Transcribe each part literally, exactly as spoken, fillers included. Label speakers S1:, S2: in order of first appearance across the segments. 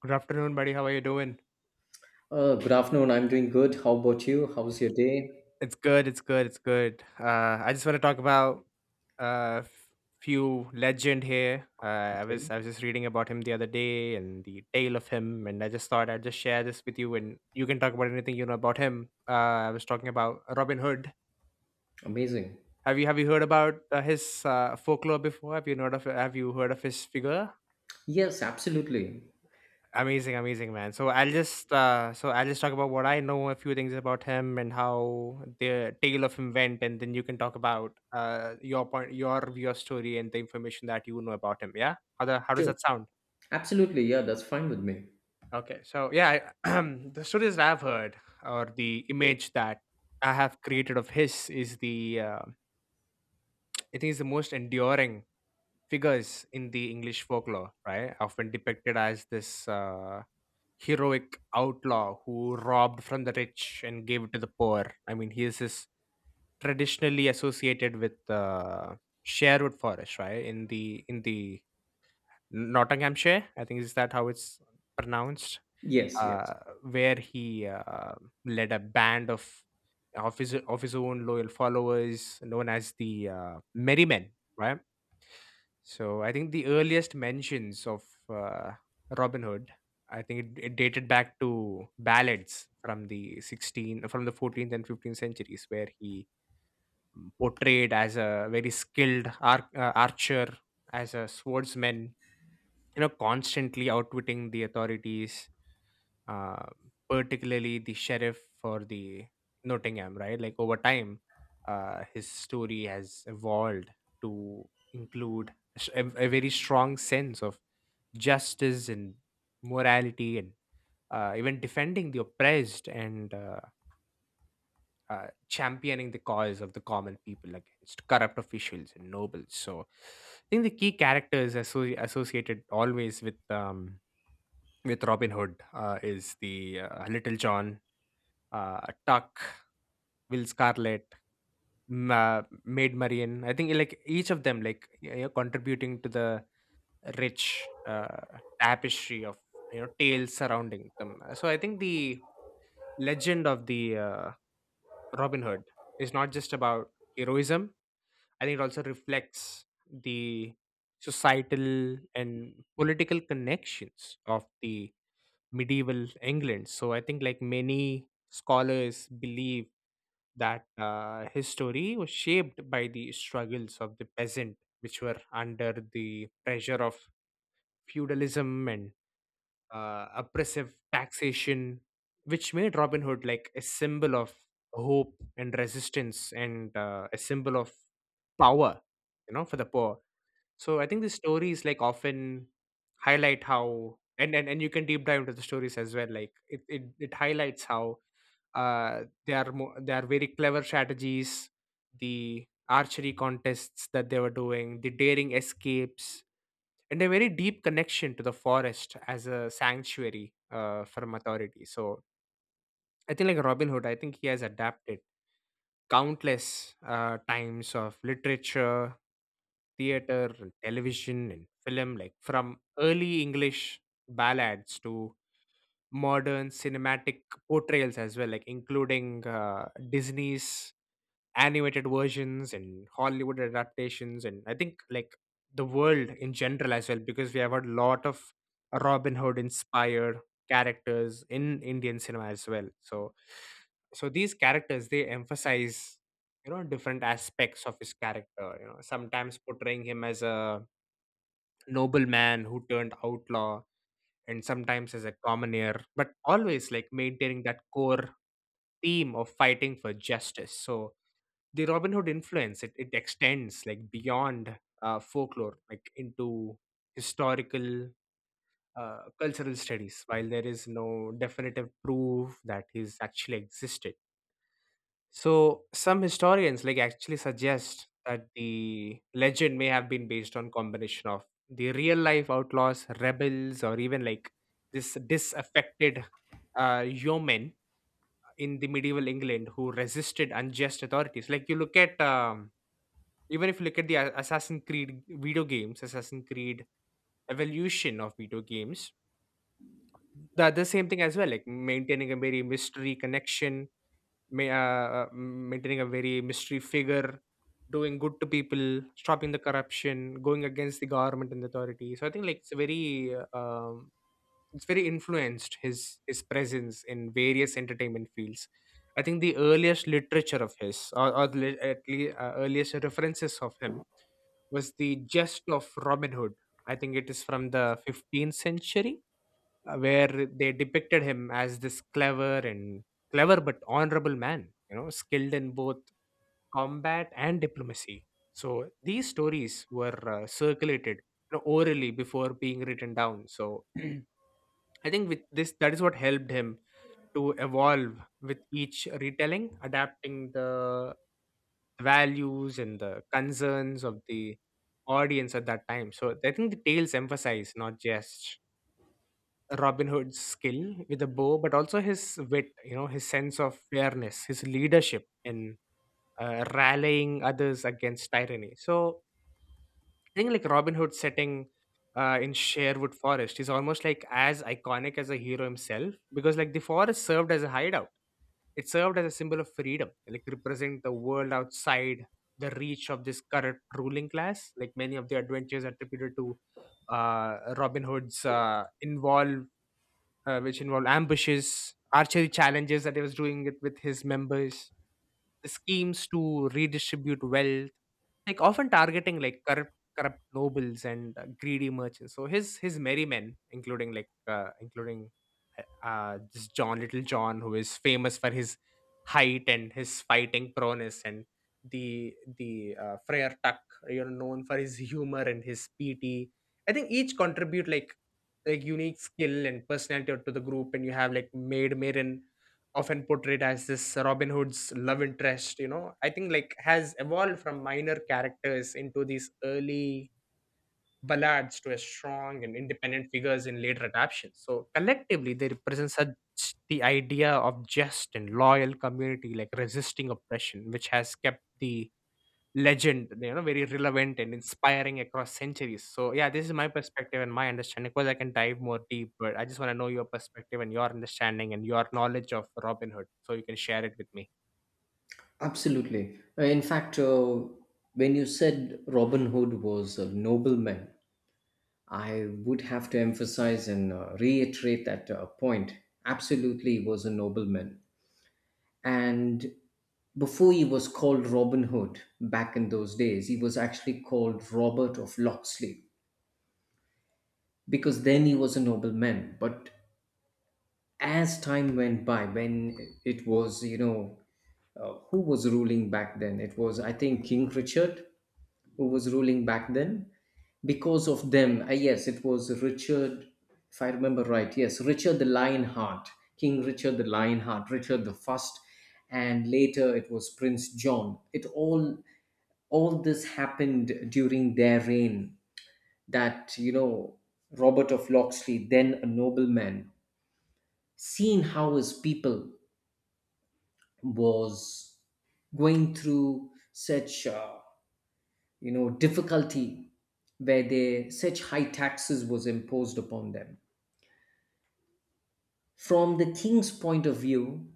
S1: Good afternoon, buddy. How are you doing?
S2: Uh, good afternoon. I'm doing good. How about you? How's your day?
S1: It's good. It's good. It's good. Uh, I just want to talk about a f- few legend here. Uh, I
S2: Okay.
S1: was I was just reading about him the other day and the tale of him, and I just thought I'd just share this with you, and you can talk about anything you know about him. Uh, I was talking about Robin Hood.
S2: Amazing.
S1: Have you have you heard about uh, his uh, folklore before? Have you heard of have you heard of his figure?
S2: Yes, absolutely.
S1: Amazing, amazing man. So I'll just uh, so I'll just talk about what I know, a few things about him and how the tale of him went, and then you can talk about uh, your point, your your story, and the information that you know about him. Yeah, how the how does
S2: Sure.
S1: that sound?
S2: Absolutely. Yeah, that's fine with me.
S1: Okay, so yeah, I, the stories that I've heard or the image that I have created of his is the uh, I think is the most enduring figures in the English folklore, right? Often depicted as this uh, heroic outlaw who robbed from the rich and gave it to the poor. I mean, he is is traditionally associated with uh, Sherwood Forest, right? In the in the Nottinghamshire, I think is that how it's pronounced
S2: Yes,
S1: uh,
S2: yes.
S1: where he uh, led a band of of his of his own loyal followers known as the uh, Merrymen, right? So I think the earliest mentions of uh, Robin Hood, I think it, it dated back to ballads from the sixteen from the fourteenth and fifteenth centuries, where he portrayed as a very skilled ar- uh, archer, as a swordsman, you know, constantly outwitting the authorities uh, particularly the sheriff for the Nottingham, right? Like over time, uh, his story has evolved to include a, s- a- a very strong sense of justice and morality, and uh, even defending the oppressed and uh, uh, championing the cause of the common people against corrupt officials and nobles. So, I think the key characters asso- associated always with um, with Robin Hood uh, is the uh, Little John, uh, Tuck, Will Scarlett, M- uh, Maid Marian. I think like each of them like y- you're contributing to the rich uh, tapestry of, you know, tales surrounding them. Uh, So I think the legend of the uh, Robin Hood is not just about heroism. I think it also reflects the societal and political connections of the medieval England. So I think like many scholars believe that uh, his story was shaped by the struggles of the peasant, which were under the pressure of feudalism and uh, oppressive taxation, which made Robin Hood like a symbol of hope and resistance and uh, a symbol of power, you know, for the poor. So I think the stories like often highlight how and, and and you can deep dive into the stories as well. Like it it, it highlights how uh they are mo- they are very clever strategies, the archery contests that they were doing, the daring escapes, and a very deep connection to the forest as a sanctuary uh from authority. So I think like Robin Hood, I think he has adapted countless uh, times of literature, theater, and television, and film, like from early English ballads to modern cinematic portrayals as well, like including uh, Disney's animated versions and Hollywood adaptations, and I think like the world in general as well, because we have had a lot of Robin Hood inspired characters in Indian cinema as well. So, so these characters they emphasize, you know, different aspects of his character. You know, sometimes portraying him as a nobleman who turned outlaw and sometimes as a commoner, but always like maintaining that core theme of fighting for justice. So the Robin Hood influence it, it extends like beyond uh, folklore, like into historical uh, cultural studies. While there is no definitive proof that he's actually existed, so some historians like actually suggest that the legend may have been based on combination of the real life outlaws, rebels, or even like this disaffected uh, yeomen in the medieval England who resisted unjust authorities. Like you look at um, even if you look at the A- Assassin's Creed video games, Assassin's Creed evolution of video games, the the same thing as well, like maintaining a very mystery connection ma- uh, uh, maintaining a very mystery figure, doing good to people, stopping the corruption, going against the government and the authority. So I think like it's very uh, um, it's very influenced his his presence in various entertainment fields. I think the earliest literature of his, or, or the le- at least uh, earliest references of him, was the Jest of Robin Hood. I think it is from the fifteenth century uh, where they depicted him as this clever and clever but honorable man, you know, skilled in both combat and diplomacy. So these stories were uh, circulated, you know, orally before being written down. So I think with this, that is what helped him to evolve with each retelling, adapting the values and the concerns of the audience at that time. So I think the tales emphasize not just Robin Hood's skill with the bow, but also his wit, you know, his sense of fairness, his leadership in uh, rallying others against tyranny. So I think like Robin Hood setting uh, in Sherwood Forest is almost like as iconic as a hero himself because like the forest served as a hideout. It served as a symbol of freedom, like represent the world outside the reach of this current ruling class. Like many of the adventures attributed to uh, Robin Hood's uh, involve uh, which involved ambushes, archery challenges that he was doing it with his members. The schemes to redistribute wealth, like often targeting like corrupt corrupt nobles and uh, greedy merchants. So his his merry men, including like uh, including uh, uh, this John Little John, who is famous for his height and his fighting prowess, and the the uh, Friar Tuck, you know, known for his humor and his piety. I think each contribute like like unique skill and personality to the group, and you have like Maid Marian often portrayed as this Robin Hood's love interest, you know, I think like has evolved from minor characters into these early ballads to a strong and independent figures in later adaptations. So collectively, they represent such the idea of just and loyal community, like resisting oppression, which has kept the legend, you know, very relevant and inspiring across centuries. So yeah, this is my perspective and my understanding. Of course, I can dive more deep, but I just want to know your perspective and your understanding and your knowledge of Robin Hood, so you can share it with me.
S2: Absolutely. Uh, In fact, uh, when you said Robin Hood was a nobleman, I would have to emphasize and uh, reiterate that uh, point. Absolutely, he was a nobleman. And before he was called Robin Hood back in those days, he was actually called Robert of Locksley, because then he was a nobleman. But as time went by, when it was, you know, uh, who was ruling back then? It was, I think, King Richard who was ruling back then. Because of them, uh, yes, it was Richard, if I remember right, yes, Richard the Lionheart, King Richard the Lionheart, Richard the First, and later it was Prince John. It all all this happened during their reign that, you know, Robert of Locksley, then a nobleman, seeing how his people was going through such uh, you know difficulty where they such high taxes was imposed upon them. From the king's point of view,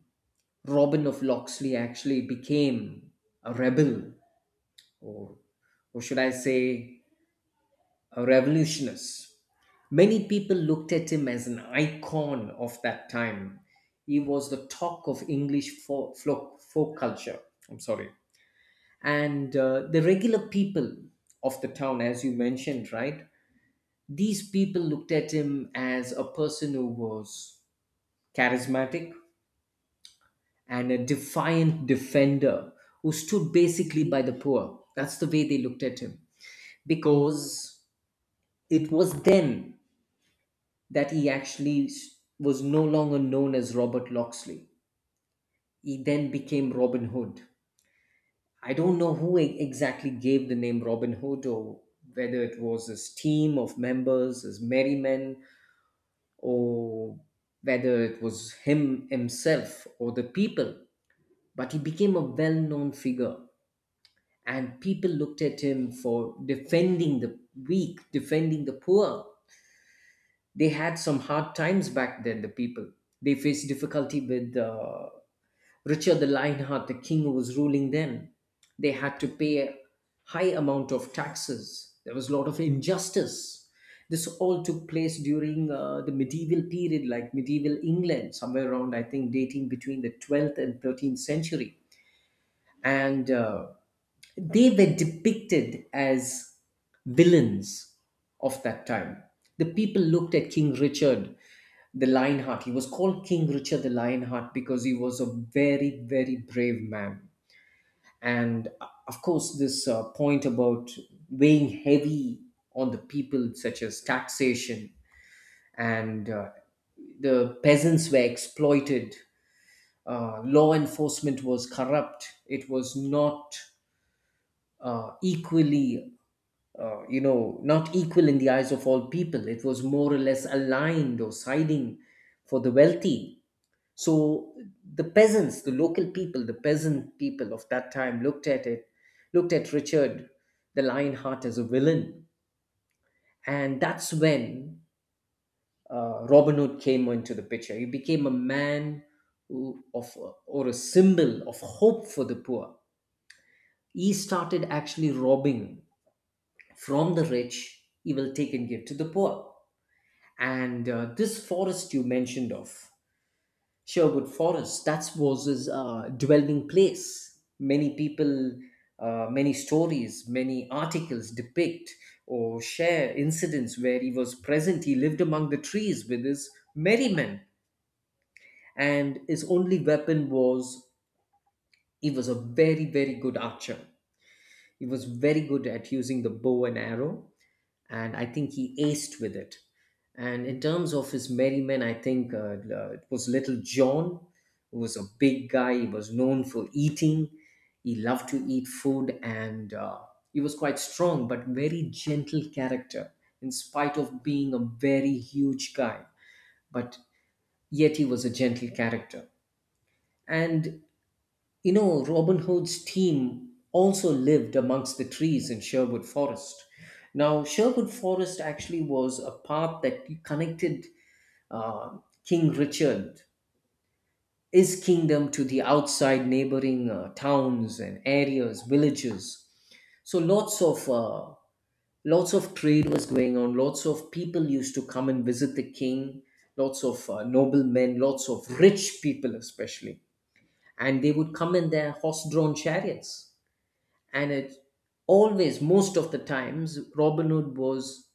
S2: Robin of Locksley actually became a rebel, or or should I say, a revolutionist. Many people looked at him as an icon of that time. He was the talk of English folk, folk, folk culture. I'm sorry. And uh, the regular people of the town, as you mentioned, right? These people looked at him as a person who was charismatic and a defiant defender who stood basically by the poor. That's the way they looked at him. Because it was then that he actually s- was no longer known as Robert Locksley. He then became Robin Hood. I don't know who e- exactly gave the name Robin Hood, or whether it was his team of members, his merry men, or whether it was him himself or the people. But he became a well known figure, and people looked at him for defending the weak, defending the poor. They had some hard times back then, the people. They faced difficulty with uh, Richard the Lionheart, the king who was ruling then. They had to pay a high amount of taxes. There was a lot of injustice. This all took place during uh, the medieval period, like medieval England, somewhere around, I think, dating between the twelfth and thirteenth century. And uh, they were depicted as villains of that time. The people looked at King Richard the Lionheart. He was called King Richard the Lionheart because he was a very, very brave man. And uh, of course, this uh, point about weighing heavy on the people, such as taxation, and uh, the peasants were exploited, uh, law enforcement was corrupt, it was not uh, equally. Uh, you know, not equal in the eyes of all people. It was more or less aligned or siding for the wealthy. So the peasants, the local people, the peasant people of that time looked at it, looked at Richard the Lionheart as a villain. And that's when uh, Robin Hood came into the picture. He became a man who, of, or a symbol of hope for the poor. He started actually robbing from the rich, he will take and give to the poor. And uh, this forest you mentioned of, Sherwood Forest, that was his uh, dwelling place. Many people, uh, many stories, many articles depict or share incidents where he was present. He lived among the trees with his merrymen, and his only weapon was, he was a very, very good archer. He was very good at using the bow and arrow, and I think he aced with it. And in terms of his merrymen, I think uh, uh, it was Little John, who was a big guy. He was known for eating. He loved to eat food, and uh, he was quite strong, but very gentle character, in spite of being a very huge guy. But yet he was a gentle character. And you know, Robin Hood's team also lived amongst the trees in Sherwood Forest. Now, Sherwood Forest actually was a path that connected uh, King Richard, his kingdom, to the outside neighboring uh, towns and areas, villages. So, lots of uh, lots of trade was going on. Lots of people used to come and visit the king. Lots of uh, noblemen, lots of rich people, especially, and they would come in their horse-drawn chariots, and it's always most of the times Robin Hood was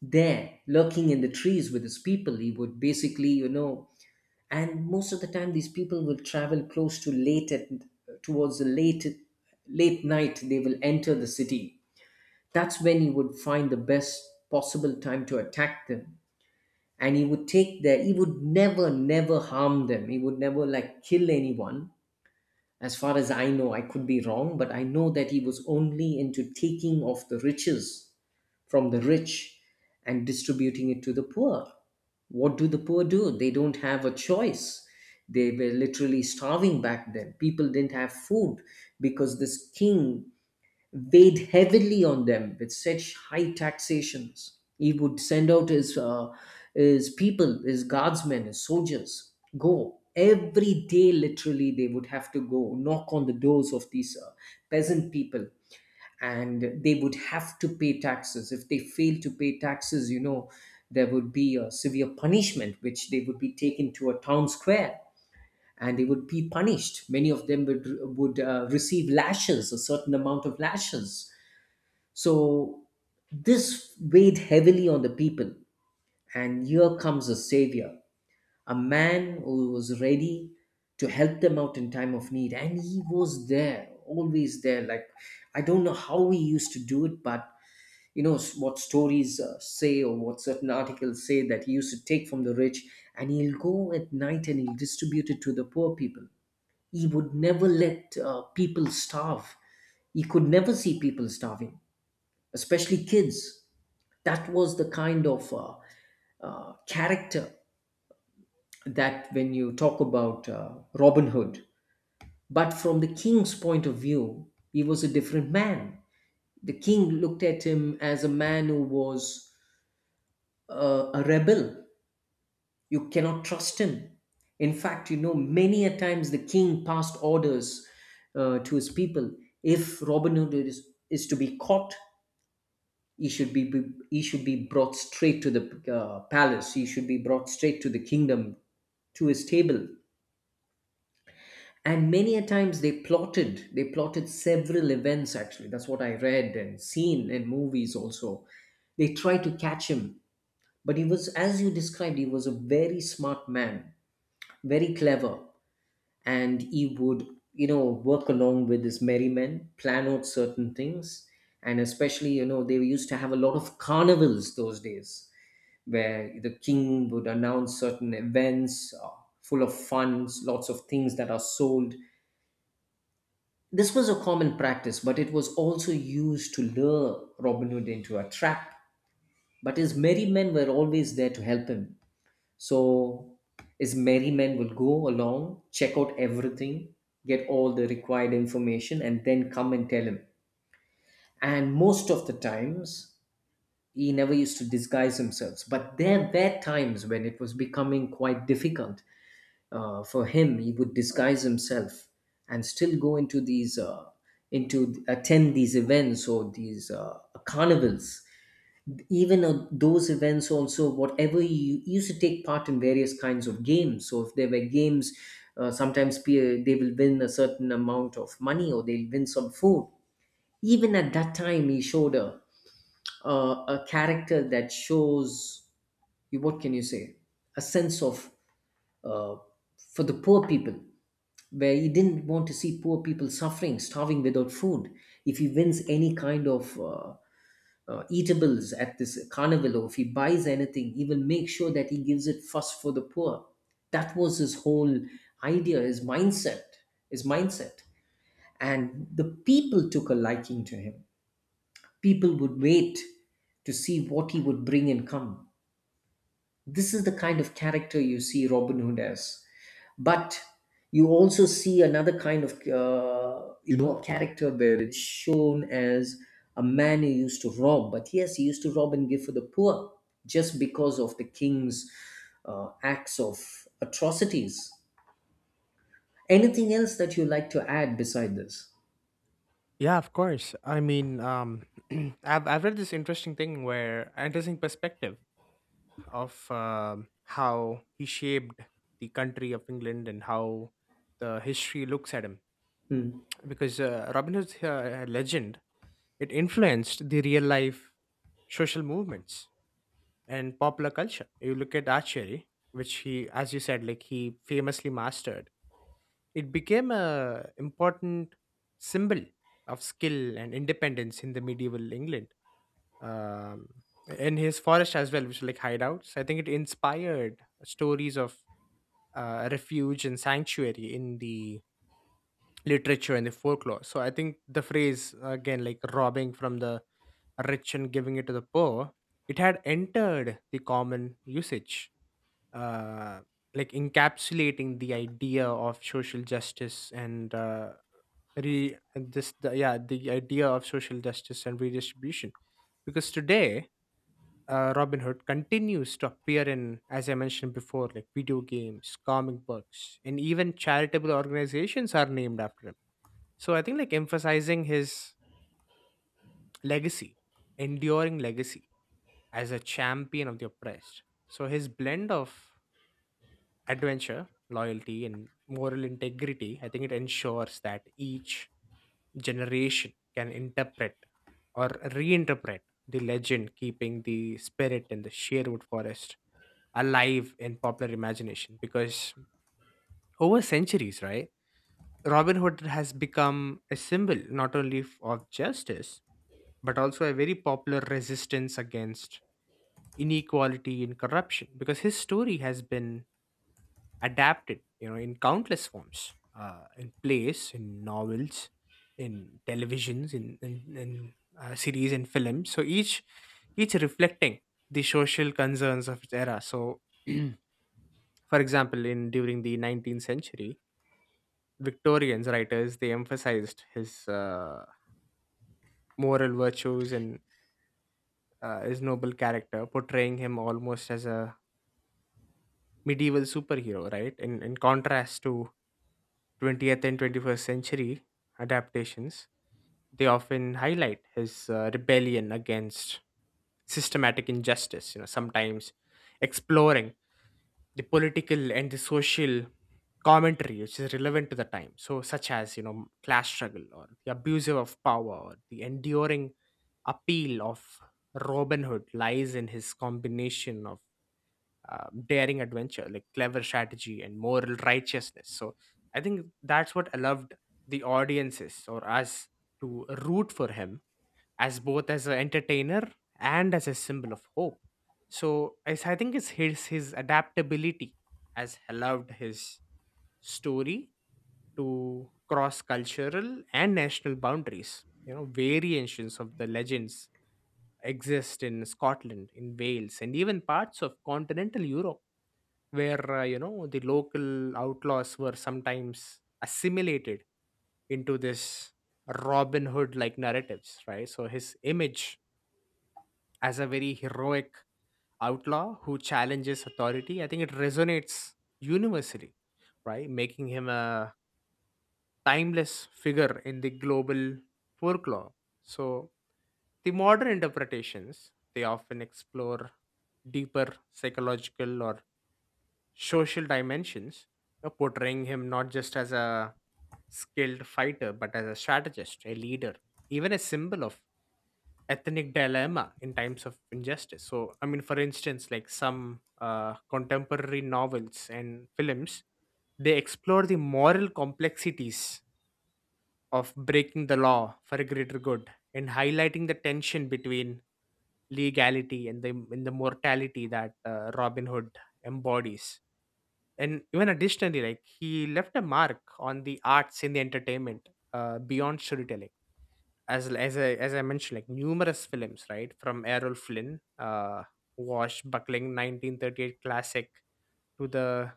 S2: there lurking in the trees with his people. He would basically, you know, and most of the time these people will travel close to late at, towards the late late night they will enter the city. That's when he would find the best possible time to attack them, and he would take their, he would never never harm them. He would never like kill anyone, as far as I know. I could be wrong, but I know that he was only into taking of the riches from the rich and distributing it to the poor. What do the poor do? They don't have a choice. They were literally starving back then. People didn't have food because this king weighed heavily on them with such high taxations. He would send out his uh, his people, his guardsmen, his soldiers, go every day. Literally, they would have to go knock on the doors of these uh, peasant people, and they would have to pay taxes. If they failed to pay taxes, you know, there would be a severe punishment, which they would be taken to a town square and they would be punished. Many of them would would uh, receive lashes, a certain amount of lashes. So this weighed heavily on the people, and here comes a savior, a man who was ready to help them out in time of need, and he was there, always there. Like, I don't know how he used to do it, but, you know, s- what stories uh, say or what certain articles say, that he used to take from the rich, and he'll go at night and he'll distribute it to the poor people. He would never let uh, people starve. He could never see people starving, especially kids. That was the kind of uh, uh, character that, when you talk about uh, Robin Hood, but from the king's point of view, he was a different man. The king looked at him as a man who was uh, a rebel. You cannot trust him. In fact, you know, many a times the king passed orders uh, to his people, if Robin Hood is, is to be caught, he should be, be he should be brought straight to the uh, palace, he should be brought straight to the kingdom, to his table. And many a times they plotted they plotted several events. Actually, that's what I read and seen in movies also. They tried to catch him, but he was, as you described, he was a very smart man, very clever. And he would, you know, work along with his merry men, plan out certain things. And especially, you know, they used to have a lot of carnivals those days, where the king would announce certain events, uh, full of funds, lots of things that are sold. This was a common practice, but it was also used to lure Robin Hood into a trap. But his merry men were always there to help him. So his merry men would go along, check out everything, get all the required information, and then come and tell him. And most of the times, he never used to disguise himself. But there were times when it was becoming quite difficult uh, for him, he would disguise himself and still go into these, uh, into attend these events or these uh, carnivals. Even uh, those events, also, whatever you, he used to take part in various kinds of games. So, if there were games, uh, sometimes pe- they will win a certain amount of money or they'll win some food. Even at that time, he showed a, a, a character that shows you, what can you say, a sense of uh, for the poor people, where he didn't want to see poor people suffering, starving without food. If he wins any kind of uh, uh, eatables at this carnival, or if he buys anything, he will make sure that he gives it first for the poor. That was his whole idea, his mindset, his mindset. And the people took a liking to him. People would wait to see what he would bring and come. This is the kind of character you see Robin Hood as. But you also see another kind of, uh, you know, character where it's shown as a man who used to rob. But yes, he used to rob and give for the poor, just because of the king's uh, acts of atrocities. Anything else that you like to add beside this?
S1: Yeah, of course. I mean, um, I've I've read this interesting thing where interesting perspective of um how he shaped the country of England and how the history looks at him
S2: Hmm.
S1: because uh, Robin Hood's uh, legend it influenced the real life social movements and popular culture. You look at archery, which he, as you said, like he famously mastered. It became a important symbol of skill and independence in the medieval England. Um, in his forest as well, which are like hideouts, I think it inspired stories of uh, refuge and sanctuary in the literature and the folklore. So I think the phrase again, like robbing from the rich and giving it to the poor, it had entered the common usage uh, like encapsulating the idea of social justice and uh, re and this the, yeah the idea of social justice and redistribution because today uh, Robin Hood continues to appear in, as I mentioned before, like video games, comic books, and even charitable organizations are named after him, so I think like emphasizing his legacy enduring legacy as a champion of the oppressed. So his blend of adventure, loyalty, and moral integrity, I think it ensures that each generation can interpret or reinterpret the legend, keeping the spirit in the Sherwood Forest alive in popular imagination. Because over centuries, right, Robin Hood has become a symbol not only f- of justice, but also a very popular resistance against inequality and corruption because his story has been adapted, you know, in countless forms, uh, in plays, in novels, in televisions, in in, in uh, series and films, so each each reflecting the social concerns of its era. So for example in during the nineteenth century Victorians writers they emphasized his uh, moral virtues and uh, his noble character portraying him almost as a medieval superhero, right? In in contrast to twentieth and twenty-first century adaptations, they often highlight his uh, rebellion against systematic injustice, you know, sometimes exploring the political and the social commentary which is relevant to the time. So, such as, you know, class struggle or the abusive of power or the enduring appeal of Robin Hood lies in his combination of uh, daring adventure, like clever strategy and moral righteousness. So I think that's what allowed the audiences or us to root for him as both as an entertainer and as a symbol of hope. So I, I think it's his his adaptability has allowed his story to cross cultural and national boundaries. You know, variations of the legends exist in Scotland, in Wales, and even parts of continental Europe where uh, you know the local outlaws were sometimes assimilated into this Robin Hood like narratives, right? So his image as a very heroic outlaw who challenges authority, I think it resonates universally, right? Making him a timeless figure in the global folklore. So the modern interpretations they often explore deeper psychological or social dimensions, you know, portraying him not just as a skilled fighter, but as a strategist, a leader, even a symbol of ethnic dilemma in times of injustice. So, I mean, for instance, like some uh, contemporary novels and films, they explore the moral complexities of breaking the law for a greater good and highlighting the tension between legality and the, and the mortality that uh, Robin Hood embodies and even additionally like he left a mark on the arts in the entertainment uh, beyond storytelling as l- as I, as I mentioned like numerous films right from Errol Flynn uh washbuckling nineteen thirty-eight classic to the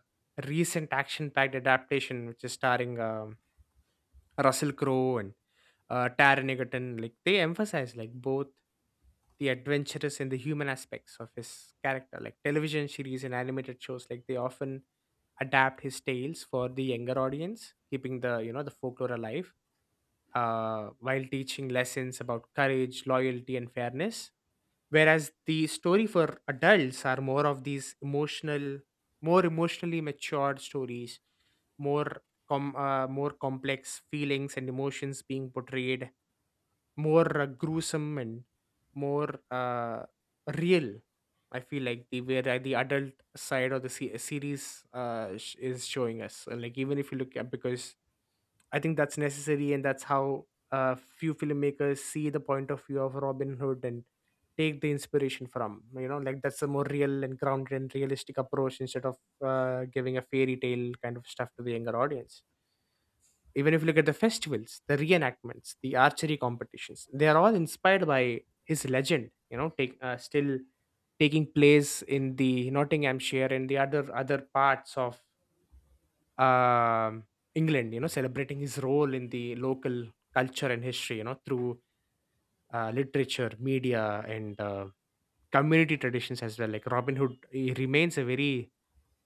S1: recent action packed adaptation which is starring um, Russell Crowe and uh, Taron Egerton, like they emphasize like both the adventurous and the human aspects of his character. Like television series and animated shows, like they often adapt his tales for the younger audience, keeping the you know the folklore alive uh, while teaching lessons about courage, loyalty, and fairness. Whereas the story for adults are more of these emotional, more emotionally matured stories, more com- uh, more complex feelings and emotions being portrayed more uh, gruesome and more uh, real. I feel like the where uh, the adult side of the se- series uh, sh- is showing us, and, like even if you look at because I think that's necessary and that's how uh, few filmmakers see the point of view of Robin Hood and take the inspiration from. You know, like that's a more real and grounded and realistic approach instead of uh, giving a fairy tale kind of stuff to the younger audience even if you look at the festivals the reenactments the archery competitions they are all inspired by his legend. You know take uh, still taking place in the Nottinghamshire and the other other parts of um, England, you know, celebrating his role in the local culture and history, you know, through uh, literature media and uh, community traditions as well. Like Robin Hood, he remains a very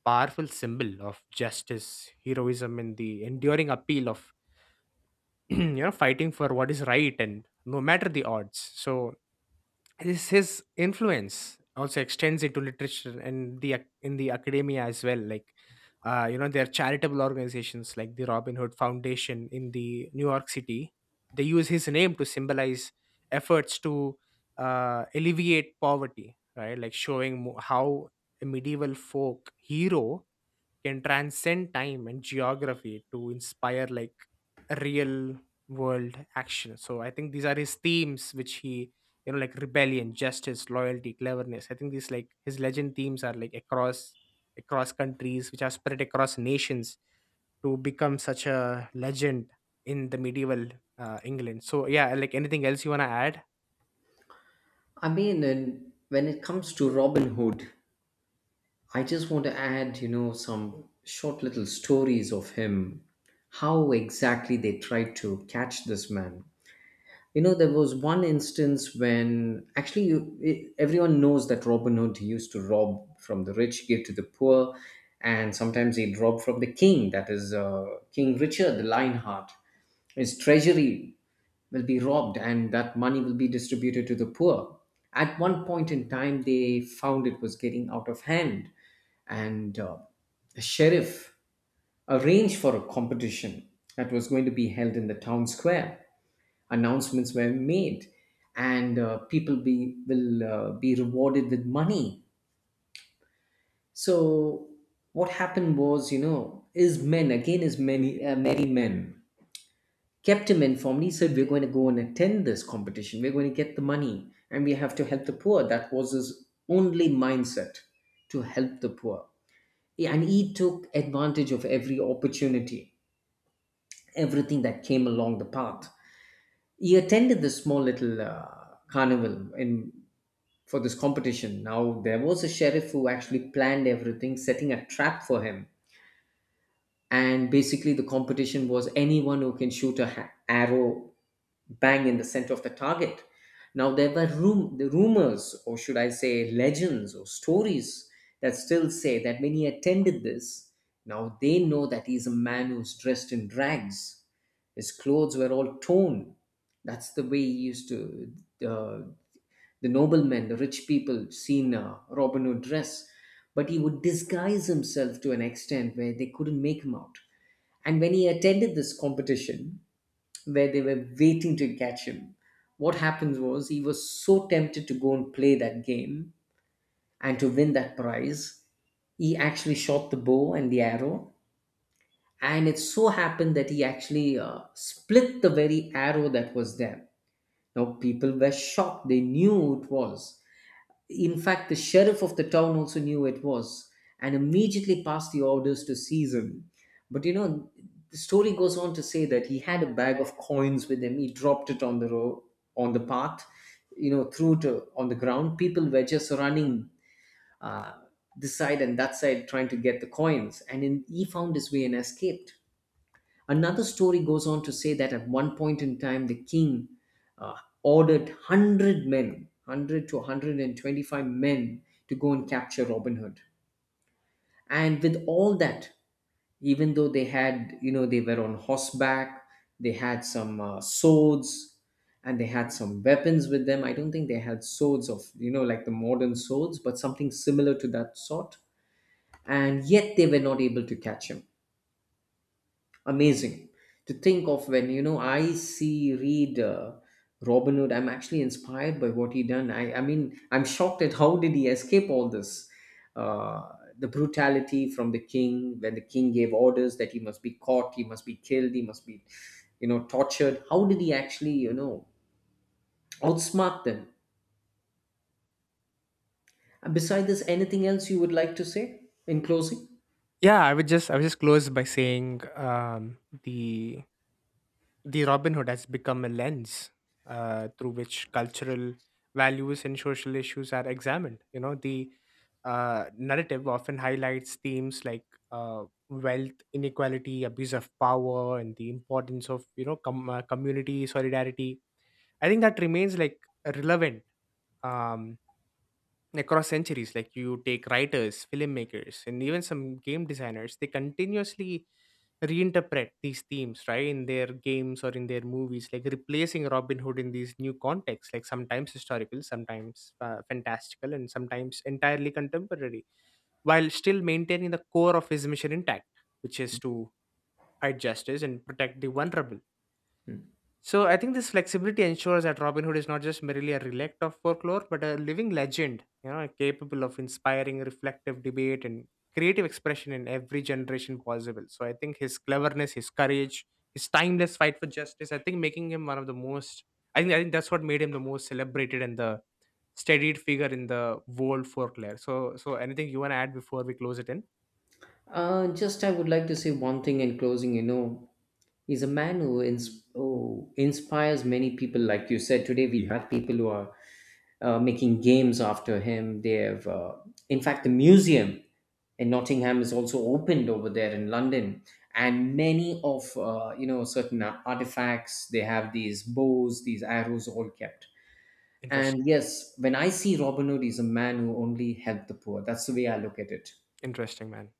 S1: powerful symbol of justice, heroism and the enduring appeal of you know fighting for what is right and no matter the odds. So this his influence also extends into literature and the ac- in the academia as well, like uh, you know there are charitable organizations like the Robin Hood Foundation in the New York City. They use his name to symbolize efforts to uh, alleviate poverty, right, like showing mo- how a medieval folk hero can transcend time and geography to inspire like real world action. So I think these are his themes which he, you know, like rebellion, justice, loyalty, cleverness. I think these, like his legend themes, are like across across countries which are spread across nations to become such a legend in the medieval uh, England. So yeah, like anything else you want to add?
S2: I mean, and when it comes to Robin Hood, I just want to add, you know, some short little stories of him, how exactly they tried to catch this man. You know, there was one instance when actually you, e- everyone knows that Robin Hood used to rob from the rich, give to the poor, and sometimes he'd rob from the king, that is uh, King Richard the Lionheart. His treasury will be robbed and that money will be distributed to the poor. At one point in time, they found it was getting out of hand, and uh, the sheriff arranged for a competition that was going to be held in the town square. Announcements were made, and uh, people be will uh, be rewarded with money. So what happened was, you know, is men again is many uh, merry men kept him informed. He said, "We're going to go and attend this competition. We're going to get the money and we have to help the poor." That was his only mindset, to help the poor. Yeah. And he took advantage of every opportunity, everything that came along the path. He attended this small little uh, carnival in for this competition. Now, there was a sheriff who actually planned everything, setting a trap for him. And basically, the competition was anyone who can shoot a ha- arrow bang in the center of the target. Now there were rum- the rumors, or should I say, legends or stories that still say that when he attended this, now they know that he's a man who's dressed in rags. His clothes were all torn. That's the way he used to uh, the noblemen, the rich people, seen uh, Robin Hood dress. But he would disguise himself to an extent where they couldn't make him out. And when he attended this competition, where they were waiting to catch him. What happens was he was so tempted to go and play that game and to win that prize, he actually shot the bow and the arrow. And it so happened that he actually uh, split the very arrow that was there. Now, people were shocked. They knew who it was. In fact, the sheriff of the town also knew it was and immediately passed the orders to seize him. But you know, the story goes on to say that he had a bag of coins with him. He dropped it on the road, on the path, you know, threw it uh, on the ground. People were just running uh, this side and that side trying to get the coins. And in, he found his way and escaped. Another story goes on to say that at one point in time, the king uh, ordered one hundred men, one hundred to one hundred twenty-five men, to go and capture Robin Hood. And with all that, even though they had, you know, they were on horseback, they had some uh, swords, and they had some weapons with them. I don't think they had swords of, you know, like the modern swords, but something similar to that sort. And yet they were not able to catch him. Amazing to think of. When you know I see read uh, Robin Hood, I'm actually inspired by what he done. I i mean, I'm shocked at how did he escape all this, uh, the brutality from the king. When the king gave orders that he must be caught, he must be killed, he must be, you know, tortured, how did he actually, you know, outsmart them? And besides this, anything else you would like to say in closing?
S1: Yeah, i would just i would just close by saying um the The Robin Hood has become a lens uh, through which cultural values and social issues are examined. You know, the uh, narrative often highlights themes like uh, wealth inequality, abuse of power, and the importance of, you know, com- uh, community solidarity. I think that remains like relevant, um, across centuries. Like you take writers, filmmakers and even some game designers, they continuously reinterpret these themes, right, in their games or in their movies, like replacing Robin Hood in these new contexts, like sometimes historical, sometimes uh, fantastical and sometimes entirely contemporary, while still maintaining the core of his mission intact, which is to fight justice and protect the vulnerable. So I think this flexibility ensures that Robin Hood is not just merely a relic of folklore, but a living legend, you know, capable of inspiring reflective debate and creative expression in every generation possible. So I think his cleverness, his courage, his timeless fight for justice, I think making him one of the most, I think I think that's what made him the most celebrated and the studied figure in the world folklore. So so anything you wanna add before we close it in?
S2: Uh, just I would like to say one thing in closing, you know, he's a man who, ins- who inspires many people. Like you said, today we have people who are uh, making games after him. They have, uh, in fact, the museum in Nottingham is also opened over there in London, and many of uh, you know, certain artifacts. They have these bows, these arrows, all kept.
S1: Interesting.
S2: And yes, when I see Robin Hood, he's a man who only helped the poor. That's the way I look at it.
S1: Interesting man.